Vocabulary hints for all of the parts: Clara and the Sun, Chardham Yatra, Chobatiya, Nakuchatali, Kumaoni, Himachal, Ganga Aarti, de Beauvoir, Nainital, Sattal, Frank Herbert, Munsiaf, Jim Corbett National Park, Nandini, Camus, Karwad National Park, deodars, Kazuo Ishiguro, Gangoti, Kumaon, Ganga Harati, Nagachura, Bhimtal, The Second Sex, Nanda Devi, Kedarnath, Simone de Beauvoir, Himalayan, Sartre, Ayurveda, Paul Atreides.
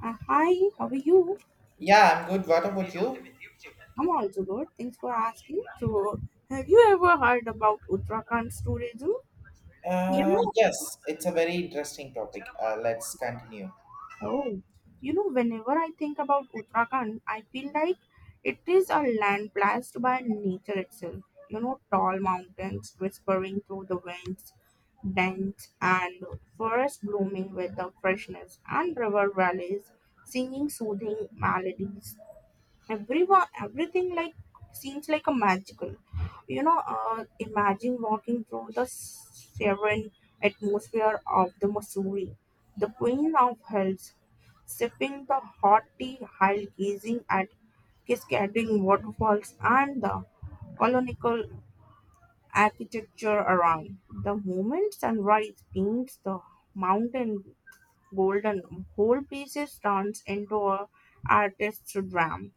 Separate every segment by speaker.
Speaker 1: Hi, how are you?
Speaker 2: Yeah, I'm good. What about you?
Speaker 1: I'm also good. Thanks for asking. So, have you ever heard about Uttarakhand's tourism? You know,
Speaker 2: Yes, it's a very interesting topic. Let's continue.
Speaker 1: oh, Whenever I think about Uttarakhand, I feel like it is a land blessed by nature itself. You know, tall mountains whispering through the winds, dense and forest blooming with the freshness, and river valleys singing soothing melodies everyone everything like seems like a magical imagine walking through the serene atmosphere of the Missouri, the queen of hills, sipping the hot tea while gazing at cascading waterfalls and the colonial architecture around. The moment sunrise paints the mountain golden, whole pieces turns into a artist's dream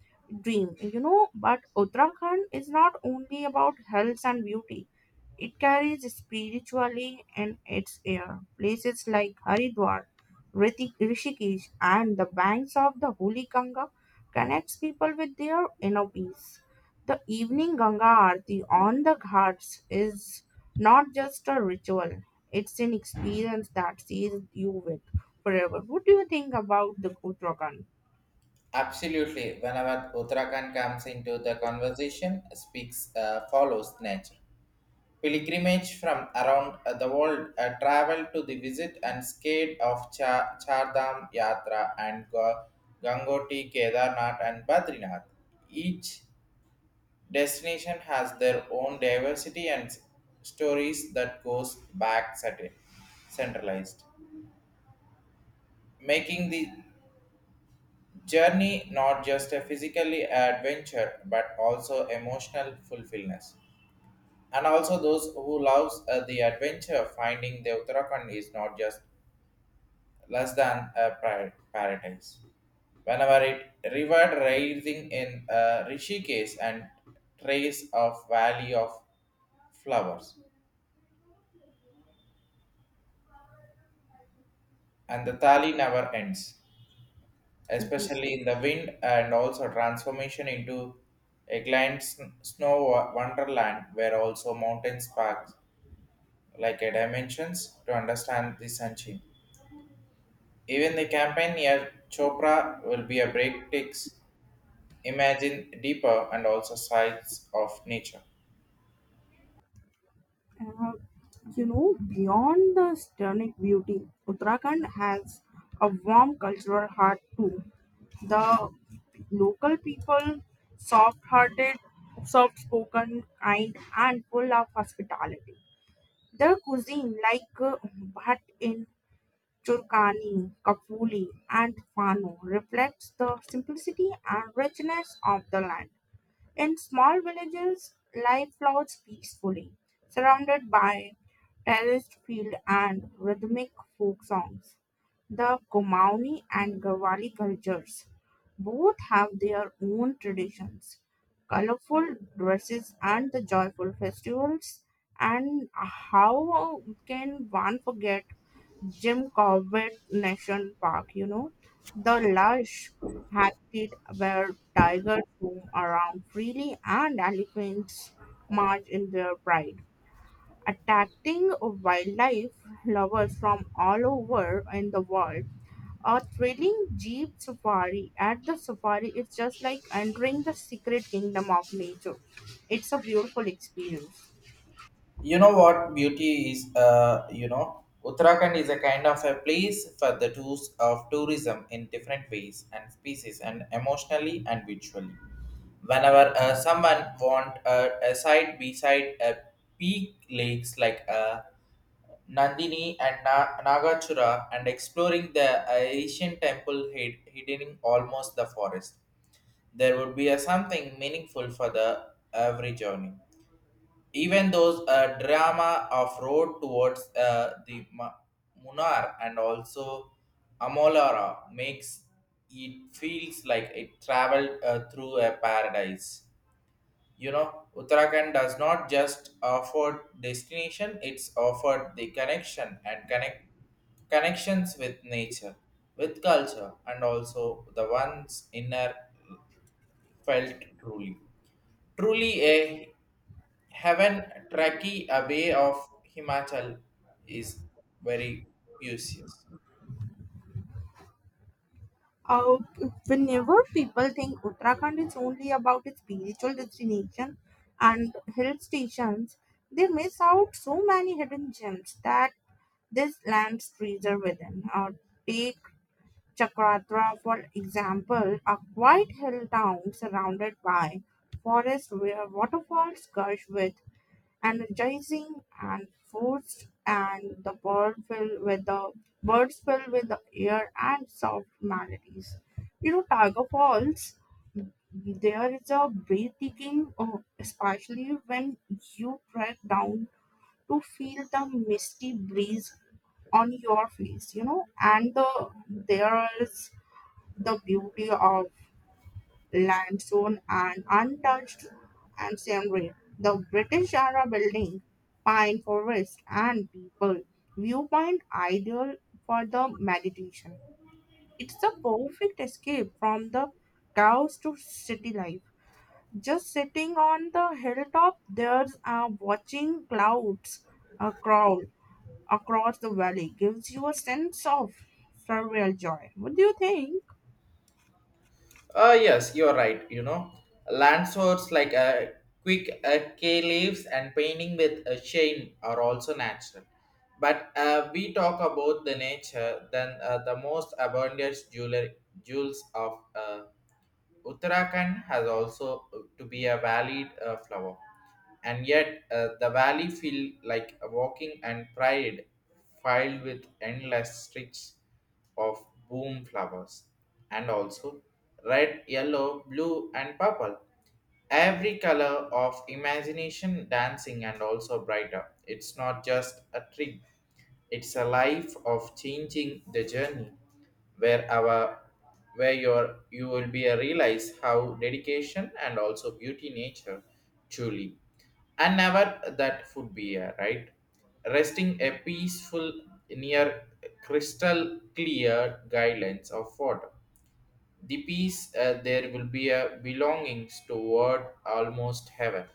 Speaker 1: dream But Uttarakhand is not only about health and beauty, it carries spiritually in its air. Places like Haridwar, Rishikesh, and the banks of the holy Ganga connects people with their inner peace. The evening Ganga Aarti on the ghats is not just a ritual; it's an experience that stays you with forever. What do you think about the Uttarakhand?
Speaker 2: Absolutely. Whenever Uttarakhand comes into the conversation, speaks follows nature. Pilgrimage from around the world travel to the visit and scale of Chardham Yatra and Gangoti, Kedarnath and Badrinath. Each destination has their own diversity and stories that goes back certain centralized making the journey not just a physically adventure but also emotional fulfillment and also those who loves the adventure finding the uttarakhand is not just less than a paradise whenever it river rising in rishikesh and trace of valley of flowers and the tally never ends, especially in the wind and also transformation into a grand snow wonderland where also mountain sparks like a dimensions to understand the sunshine. Even the campaign near Chopra will be a break takes imagine deeper and also sides of nature.
Speaker 1: Uh, you know, beyond the stunning beauty, Uttarakhand has a warm cultural heart too. The local people, soft hearted, soft spoken, kind, and full of hospitality. Their cuisine, like bhat in Churkani, Kafuli, and Fano, reflects the simplicity and richness of the land. In small villages, life flows peacefully, surrounded by terraced field and rhythmic folk songs. The Kumaoni and Garhwali cultures both have their own traditions, colorful dresses and the joyful festivals. And how can one forget Jim Corbett National Park, you know, the lush habitat where tigers roam around freely and elephants march in their pride, attracting wildlife lovers from all over in the world. A thrilling jeep safari at the safari is just like entering the secret kingdom of nature. It's a beautiful experience.
Speaker 2: You know what beauty is? Uttarakhand is a kind of a place for the tools of tourism in different ways and species, and emotionally and visually. Whenever someone want a side beside a peak lakes like Nandini and Nagachura and exploring the ancient temple hidden in almost the forest. There would be a something meaningful for the every journey even those drama of road towards the Munar and also Amolara makes it feels like it traveled through a paradise. You know, Uttarakhand does not just offer destination; it's offered the connection and connections with nature, with culture, and also the one's inner felt truly. Truly a Heaven Trekkie away of Himachal is very useless.
Speaker 1: Uh, Whenever people think Uttarakhand is only about its spiritual destination and hill stations, they miss out so many hidden gems that this land treasure within. Take Chakratra, for example, a quiet hill town surrounded by forests where waterfalls gush with energizing and forced, and the birds filled with the air and soft melodies. You know, Tiger Falls, there is a breathtaking, especially when you break down to feel the misty breeze on your face, you know, and there is the beauty of limestone and untouched ancestry. The British era building, pine forest, and people viewpoint ideal for the meditation. It's the perfect escape from the chaos to city life. Just sitting on the hilltop, there's watching clouds crawl across the valley gives you a sense of surreal joy. What do you think?
Speaker 2: Ah yes, you're right. You know, land swords like a quick kay leaves and painting with a shame are also natural. But we talk about the nature, then the most abundant jeweler, jewels of Uttarakhand has also to be a valid flower, and yet the valley feel like a walking and pride filed with endless streaks of boom flowers, and also red, yellow, blue, and purple every color of imagination dancing and also brighter. It's not just a trip, it's a life of changing the journey where our where you will be a realize how dedication and also beauty nature truly and never that would be a right resting a peaceful near crystal clear guidelines of water the peace there will be a belongings toward almost heaven.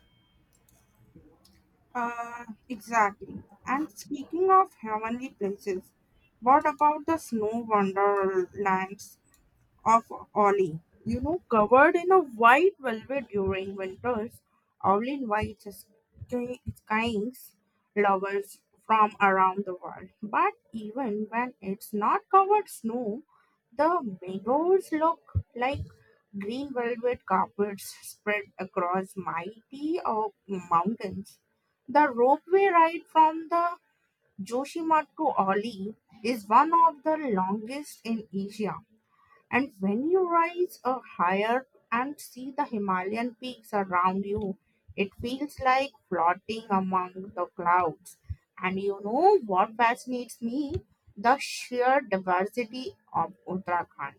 Speaker 1: Exactly. And speaking of heavenly places, what about the snow wonderlands? Of Ollie. You know, covered in a white velvet during winters, Ollie invites his kinds lovers from around the world. But even when it's not covered snow, the meadows look like green velvet carpets spread across mighty mountains. The ropeway ride from the Joshima to Ollie is one of the longest in Asia, and when you rise higher and see the Himalayan peaks around you, it feels like floating among the clouds. And you know what fascinates me? The sheer diversity of Uttarakhand.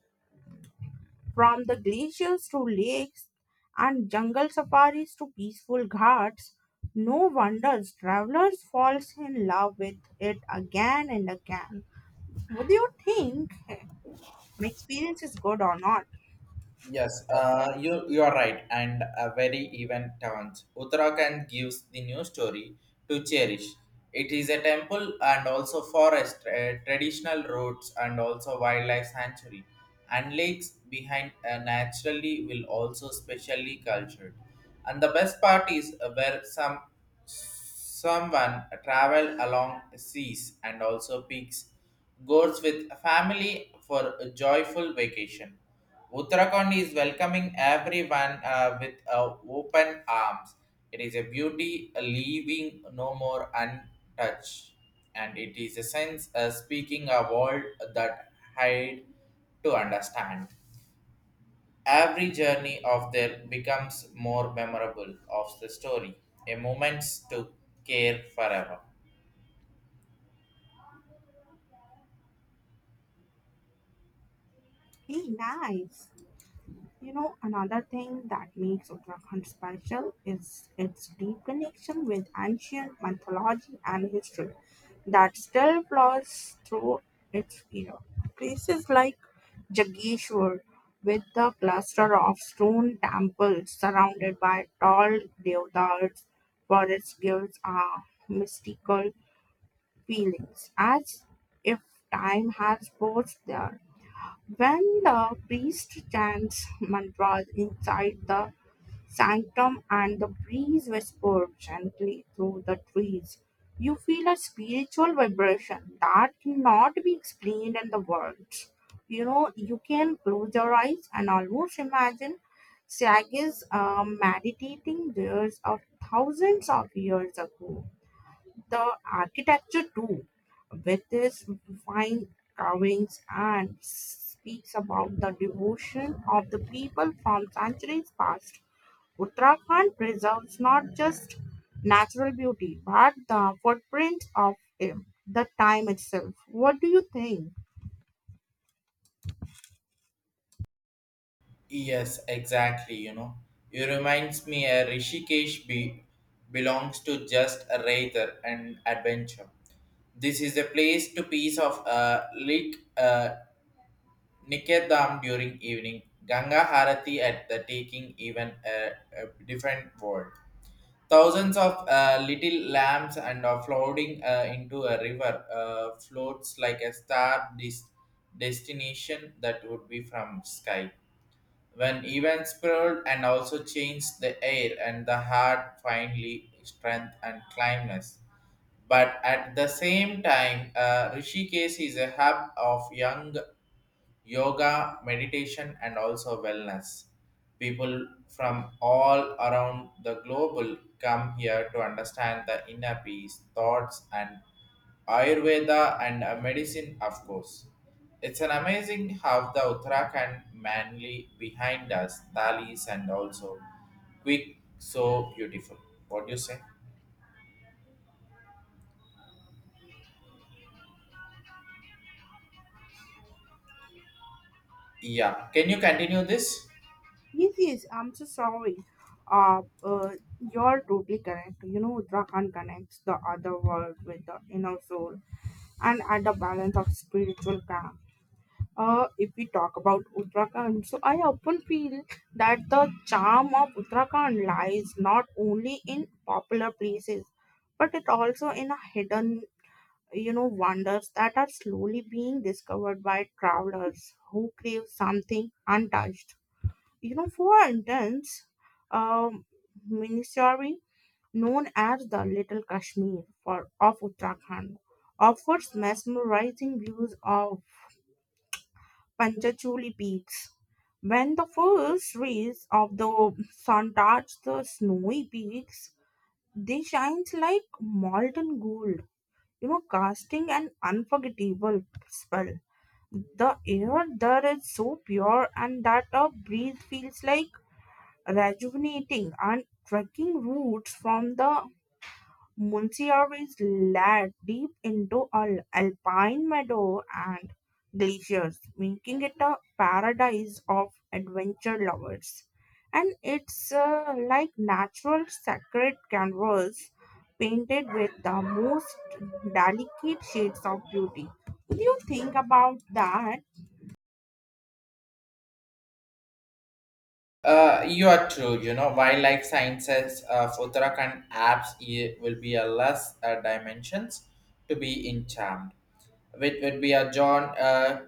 Speaker 1: From the glaciers to lakes and jungle safaris to peaceful ghats, no wonders travelers falls in love with it again and again. What do you think? My experience is good or not?
Speaker 2: Yes, you are right, and a very even turns. Uttarakhand gives the new story to cherish. It is a temple and also forest, traditional roads, and also wildlife sanctuary, and lakes behind naturally will also specially cultured. And the best part is where some someone travel along seas and also peaks, goes with family for a joyful vacation. Uttarakhand is welcoming everyone with open arms. It is a beauty leaving no more untouched, and it is a sense speaking a world that hide to understand. Every journey of their becomes more memorable of the story, a moment to care forever.
Speaker 1: Hey, nice. You know, another thing that makes Uttarakhand special is its deep connection with ancient mythology and history that still flows through its era. Places like Jageshwar, with the cluster of stone temples surrounded by tall deodars, forest gives a mystical feelings, as if time has paused there when the priest chants mantras inside the sanctum and the breeze whispers gently through the trees, you feel a spiritual vibration that cannot be explained in the words. You know, you can close your eyes and almost imagine Sages meditating there of thousands of years ago. The architecture too, with its fine carvings and speaks about the devotion of the people from centuries past. Uttarakhand preserves not just natural beauty but the footprints of it, the time itself. What do you think?
Speaker 2: Yes, exactly. You know, it reminds me a Rishikesh belongs to just a rather and adventure. This is a place to piece of Lake Nikedam during evening. Ganga Harati at the taking even a different world. Thousands of little lamps and are floating into a river floats like a star destination that would be from sky. When events spread and also change the air and the heart finally strength and climbness. But at the same time, Rishikesh is a hub of young yoga, meditation, and also wellness. People from all around the globe will come here to understand the inner peace, thoughts, and Ayurveda and medicine, of course. It's an amazing how the Uttarakhand manly behind us, Thalis, and also quick, so beautiful. What do you say? Yeah, can you continue this?
Speaker 1: Yes, yes, I'm so sorry. Uh, uh, you're totally correct. You know, Uttarakhand connects the other world with the inner soul and at the balance of spiritual calm. If we talk about Uttarakhand, so I often feel that the charm of Uttarakhand lies not only in popular places, but it also in a hidden, you know, wonders that are slowly being discovered by travelers who crave something untouched. You know, for instance, um, Minisari, known as the Little Kashmir for of Uttarakhand, offers mesmerizing views of Panchachuli peaks. When the first rays of the sun touch the snowy peaks, they shine like molten gold, you know, casting an unforgettable spell. The air there is so pure, and that a breeze feels like rejuvenating and trekking routes from the Munsiaf is laid deep into alpine meadow and glaciers, making it a paradise of adventure lovers. And it's like natural sacred canvas painted with the most delicate shades of beauty. What do you think about that?
Speaker 2: You are true. You know, wildlife sciences for Uttarakhand apps eh, will be a less dimensions to be in charmed, which would be a John.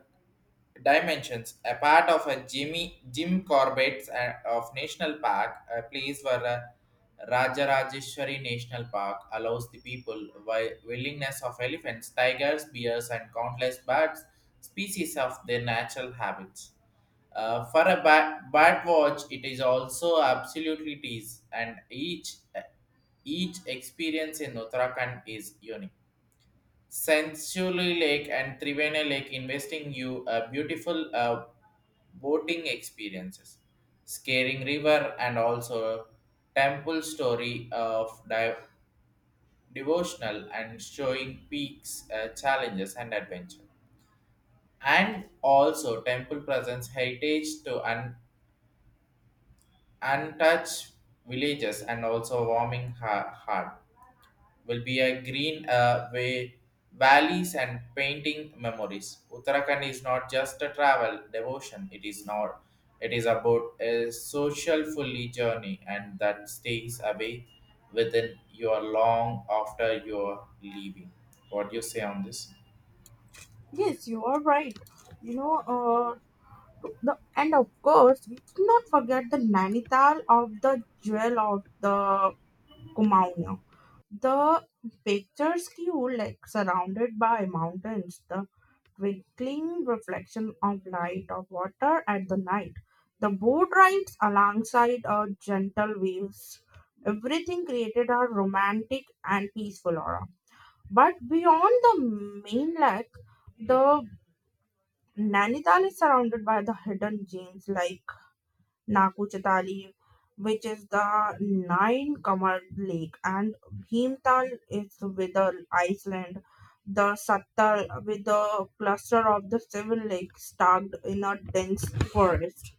Speaker 2: Dimensions, a part of a Jimmy Jim Corbett's of National Park, a place where Rajarajeshwari National Park allows the people willingness of elephants, tigers, bears, and countless birds species of their natural habits. For a bat, bat watch, it is also absolutely tease, and each experience in Uttarakhand is unique. Sensually Lake and Trivena Lake, investing you a beautiful boating experiences, scaring river, and also temple story of devotional and showing peaks, challenges, and adventure, and also temple presents heritage to untouched villages and also warming heart. Will be a green way valleys and painting memories. Uttarakhand is not just a travel devotion; it is not. It is about a social fully journey, and that stays away within your long after your leaving. What do you say on this?
Speaker 1: Yes, you are right. You know, and of course, we cannot forget the Nainital of the jewel of the Kumaon. The pictures you like surrounded by mountains, the twinkling reflection of light of water at the night. The boat rides alongside a gentle waves. Everything created a romantic and peaceful aura. But beyond the main lake, the Nainital is surrounded by the hidden gems like Nakuchatali, which is the Nine Kamar Lake, and Bhimtal is with the Iceland. The Sattal with the cluster of the seven lakes tucked in a dense forest.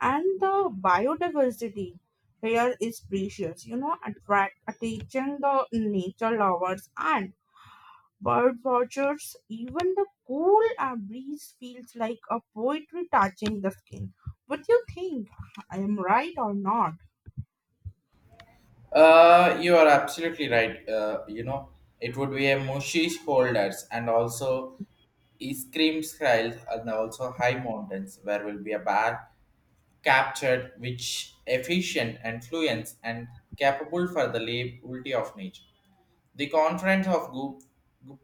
Speaker 1: And the biodiversity here is precious, you know, attract attention the nature lovers and bird watchers, even the cool breeze feels like a poetry touching the skin. What do you think? I am right or not?
Speaker 2: You are absolutely right. You know, it would be a mushy holders and also ice cream trails and also high mountains where will be a bad captured which efficient and fluent and capable for the liberty of nature. The conference of Gu-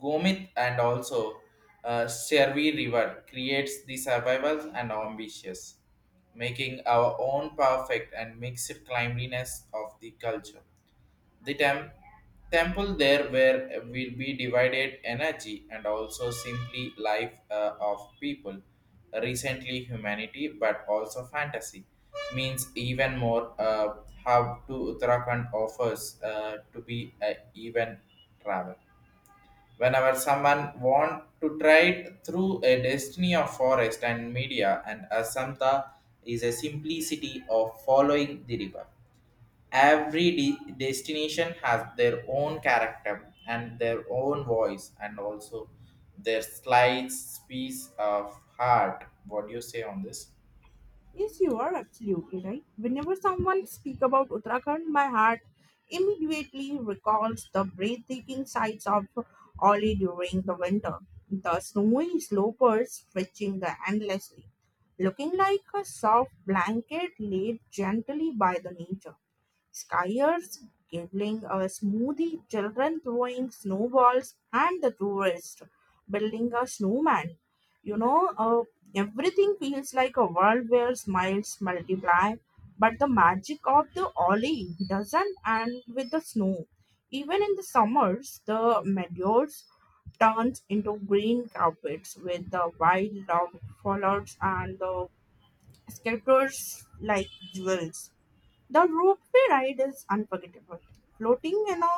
Speaker 2: Gomit and also Servi River creates the survival and ambitious, making our own perfect and mixed cleanliness of the culture. The temple there where will be divided energy and also simply life of people, recently humanity but also fantasy means even more how to Uttarakhand offers to be a even travel. Whenever someone want to try through a destiny of forest and media and Asanta is a simplicity of following the river every destination has their own character and their own voice and also their slight piece of heart what do you say on this
Speaker 1: Yes, you are absolutely right. Whenever someone speaks about Uttarakhand, my heart immediately recalls the breathtaking sights of Oli during the winter. The snowy slopes stretching the endlessly, looking like a soft blanket laid gently by the nature. Skiers giggling a smoothie, children throwing snowballs, and the tourists building a snowman. You know, everything feels like a world where smiles multiply, but the magic of the Ollie doesn't end with the snow. Even in the summers, the meadows turns into green carpets with the wild dog colors and the scatters like jewels. The ropeway ride is unforgettable. Floating in a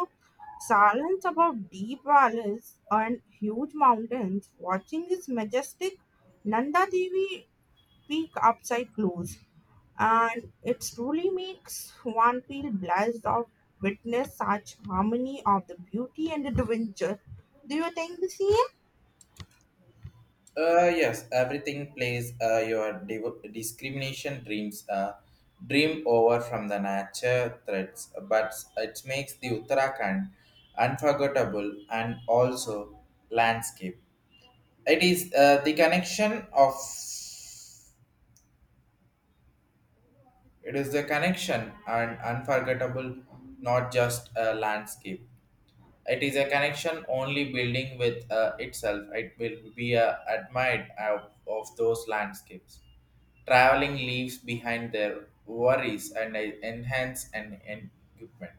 Speaker 1: silence above deep valleys and huge mountains, watching this majestic Nanda Devi peak upside close, and it truly makes one feel blessed of witness such harmony of the beauty and adventure. Do you think the same?
Speaker 2: yes everything plays your discrimination dreams dream over from the nature threats but it makes the uttarakhand unforgettable and also landscape it is the connection of It is the connection and unforgettable, not just a landscape. It is a connection only building with itself. It will be admired of those landscapes. Traveling leaves behind their worries and enhance an equipment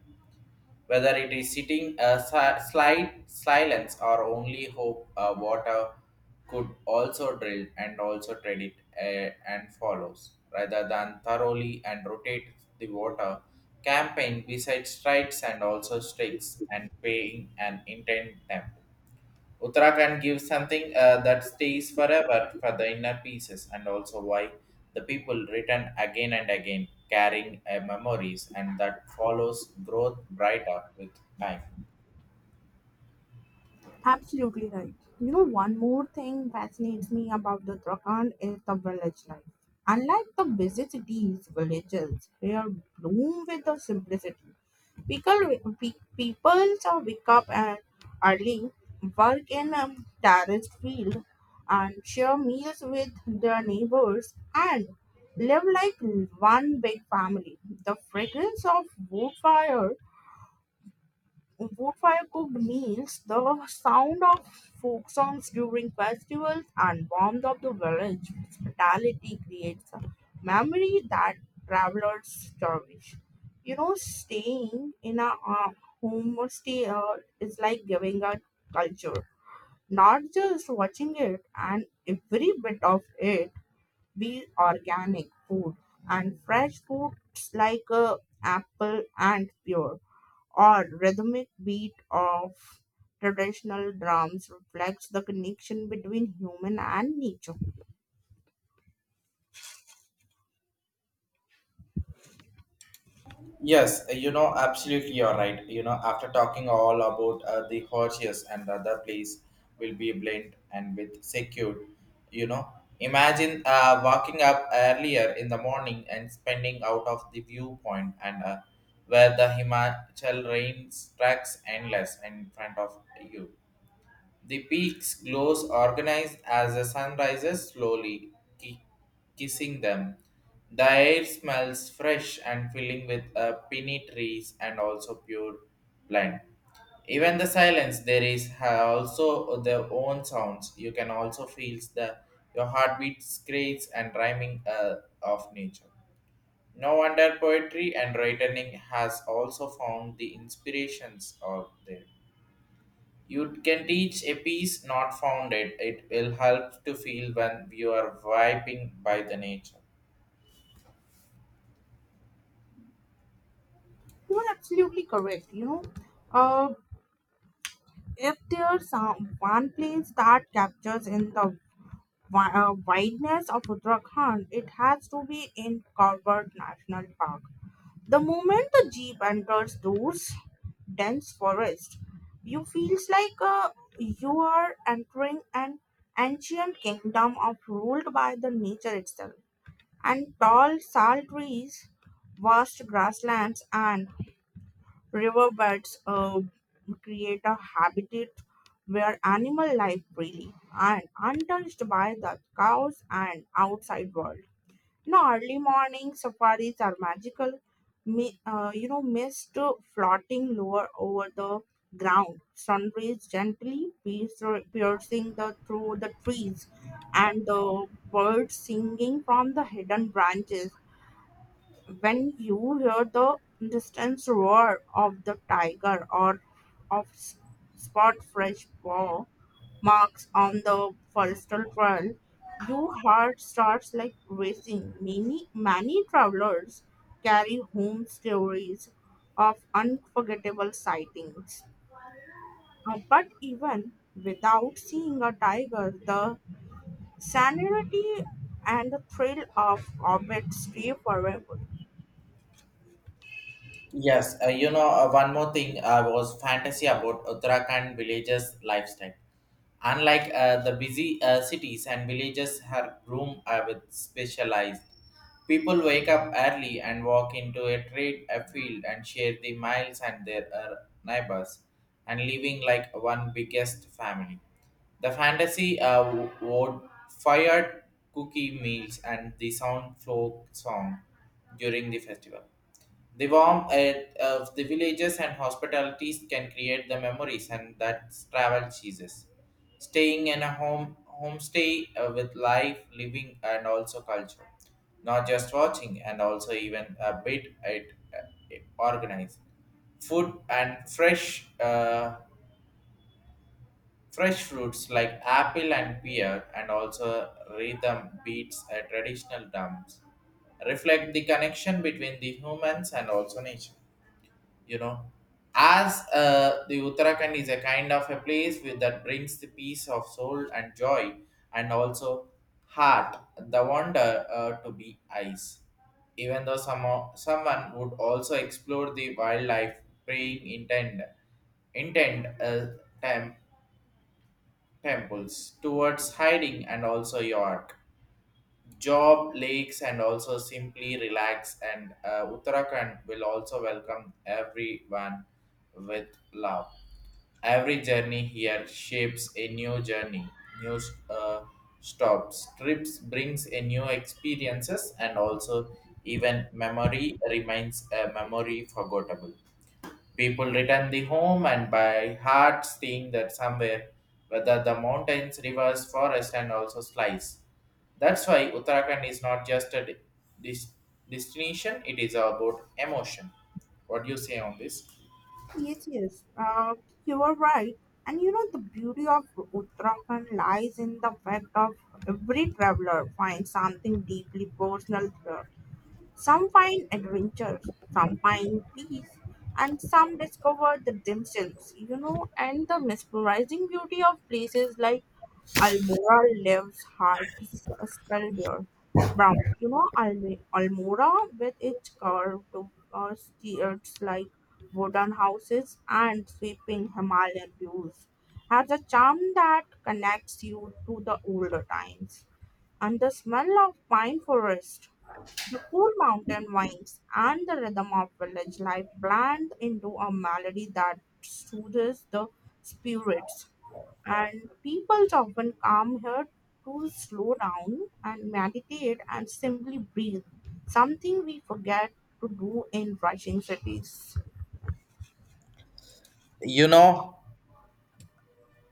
Speaker 2: whether it is sitting a slight silence or only hope water could also drill and also tread it and follows rather than thoroughly and rotate the water campaign besides strikes and also sticks and paying and intent them Uttarakhand gives something that stays forever for the inner pieces, and also why the people return again and again, carrying memories, and that follows growth brighter with time.
Speaker 1: Absolutely right. You know, one more thing fascinates me about the Uttarakhand is the village life. Unlike the busy cities, villages here bloom with the simplicity. People, People so wake up at early, work in a terraced field, and share meals with their neighbors and live like one big family. The fragrance of wood fire wood fire cooked meals, the sound of folk songs during festivals, and warmth of the village hospitality creates a memory that travelers cherish. You know, staying in a homestay is like giving a culture, not just watching it, and every bit of it be organic food and fresh foods like apple and pear or rhythmic beat of traditional drums reflects the connection between human and nature.
Speaker 2: Yes, you know, absolutely, you're right. You know, after talking all about the horses and other place will be blend and with secured, you know, imagine walking up earlier in the morning and spending out of the viewpoint and where the Himachal rain tracks endless in front of you the peak's glows organized as the sun rises slowly, ki- kissing them. The air smells fresh and filling with pinny trees and also pure plant. Even the silence there is also their own sounds. You can also feel the your heartbeat screams and rhyming of nature. No wonder poetry and writing has also found the inspirations out there. You can teach a piece not found it. It will help to feel when you are vibing by the nature.
Speaker 1: You are absolutely correct. You know, uh, if there's one place that captures in the wideness of Uttarakhand, it has to be in Karwad National Park. The moment the jeep enters those dense forest, you feels like you are entering an ancient kingdom of ruled by the nature itself. And tall sal trees, vast grasslands, and riverbeds create a habitat where animal life freely and untouched by the cows and outside world. No, early morning safaris are magical. Mist floating lower over the ground, sunrays gently piercing the through the trees, and the birds singing from the hidden branches when you hear the distant roar of the tiger or of s- spot fresh paw marks on the forestal trail, your heart starts like racing. Many travelers carry home stories of unforgettable sightings. But even without seeing a tiger, the sanity and the thrill of orbit stay forever.
Speaker 2: Yes, you know, one more thing was fantasy about Uttarakhand villages lifestyle. Unlike the busy cities and villages, her room with specialized. People wake up early and walk into a trade a field and share the miles and their neighbors, and living like one biggest family. The fantasy would fired cookie meals and the sound folk song during the festival. The warmth of the villages and hospitalities can create the memories and that travel cheeses. Staying in a homestay with life, living, and also culture, not just watching, and also even a bit it, organized. Food and fresh fresh fruits like apple and pear, and also rhythm beats a traditional drums reflect the connection between the humans and also nature you know as the uttarakhand is a kind of a place with, that brings the peace of soul and joy and also heart the wonder to be eyes even though some someone would also explore the wildlife praying intent tem- temples towards hiding and also york job lakes and also simply relax and uttarakhand will also welcome everyone with love every journey here shapes a new journey new uh, stops trips brings a new experiences and also even memory remains a memory forgettable People return the home and by heart seeing that somewhere, whether the mountains, rivers, forest, and also slice. That's why Uttarakhand is not just a dis- destination; it is about emotion. What do you say on this?
Speaker 1: Yes, yes, you are right. And you know, the beauty of Uttarakhand lies in the fact of every traveler finds something deeply personal here. Some find adventure, some find peace, and some discover the themselves, you know, and the mesmerizing beauty of places like Almora lives heart Spellbear Brown. You know, Almora with its curved streets like wooden houses and sweeping Himalayan views has a charm that connects you to the older times and the smell of pine forest the cool mountain winds and the rhythm of village life blend into a melody that soothes the spirits. And people often come here to slow down and meditate and simply breathe, something we forget to do in rushing cities.
Speaker 2: You know,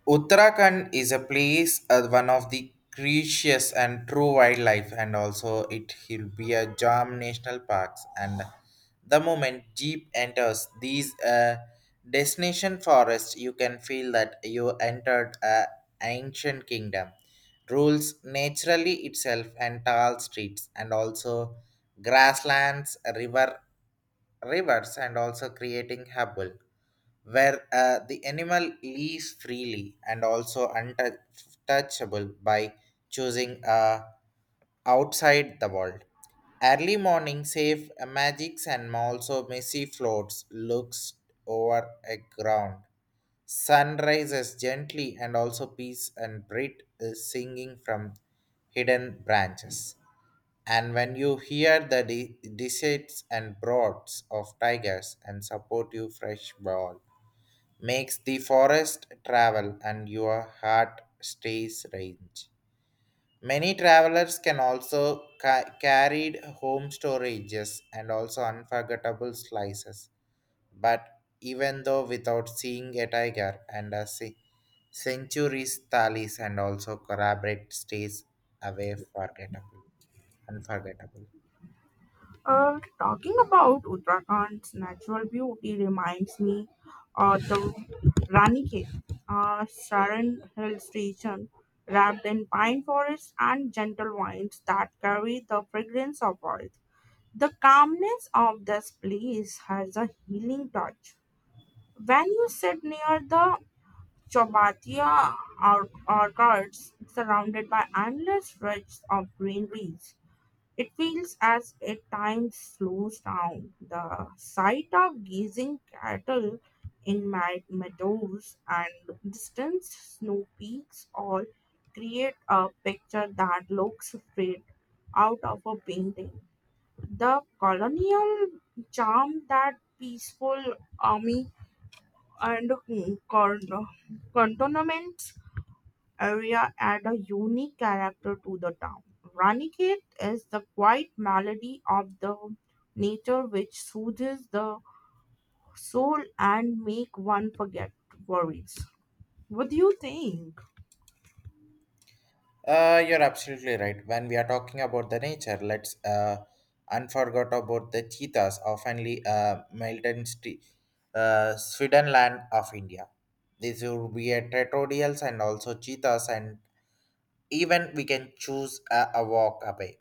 Speaker 2: Uttarakhand is a place, one of the precious and true wildlife, and also it will be a Jam National Parks. And the moment Jeep enters these destination forests, you can feel that you entered a ancient kingdom. Rules naturally itself and tall streets, and also grasslands, rivers, and also creating hubble where the animal lives freely and also untouchable by choosing outside the world. Early morning safe magics and also messy floats looks over a ground. Sun rises gently and also peace and breath is singing from hidden branches. And when you hear the decides and broads of tigers and support you fresh ball makes the forest travel and your heart stays range. Many travelers can also carried home storages and also unforgettable slices. But even though without seeing a tiger and a centuries thalis and also corroborate stays away forgettable, unforgettable.
Speaker 1: Talking about Uttarakhand's natural beauty reminds me of the Ranikhet, Saran hill station wrapped in pine forests and gentle winds that carry the fragrance of earth. The calmness of this place has a healing touch. When you sit near the Chobatiya or- orchards surrounded by endless stretches of greeneries, it feels as if time slows down. The sight of gazing cattle in my meadows and distant snow peaks all create a picture that looks straight out of a painting. The colonial charm that peaceful army and cantonment area add a unique character to the town. Ranikhet is the quiet melody of the nature which soothes the soul and make one forget worries. What do you think?
Speaker 2: You're absolutely right. When we are talking about the nature, let's unforget about the cheetahs, oftenly Sweden land of India. These would be a territorials and also cheetahs, and even we can choose a walk away.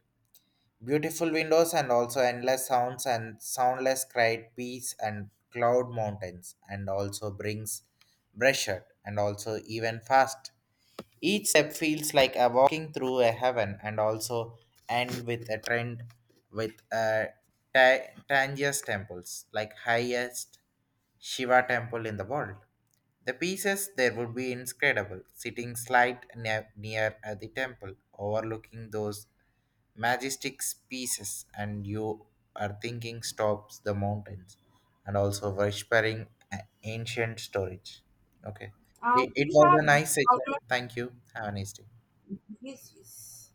Speaker 2: Beautiful windows and also endless sounds and soundless cried peace and cloud mountains, and also brings pressure and also even fast. Each step feels like a walking through a heaven and also end with a trend with a Tangiers temples, like highest Shiva temple in the world. The pieces there would be inscrutable, sitting slight near the temple, overlooking those majestic pieces and you are thinking stops the mountains and also whispering a- ancient storage okay it
Speaker 1: We
Speaker 2: was
Speaker 1: have
Speaker 2: a nice
Speaker 1: out
Speaker 2: session
Speaker 1: of
Speaker 2: thank you have a nice day
Speaker 1: disease.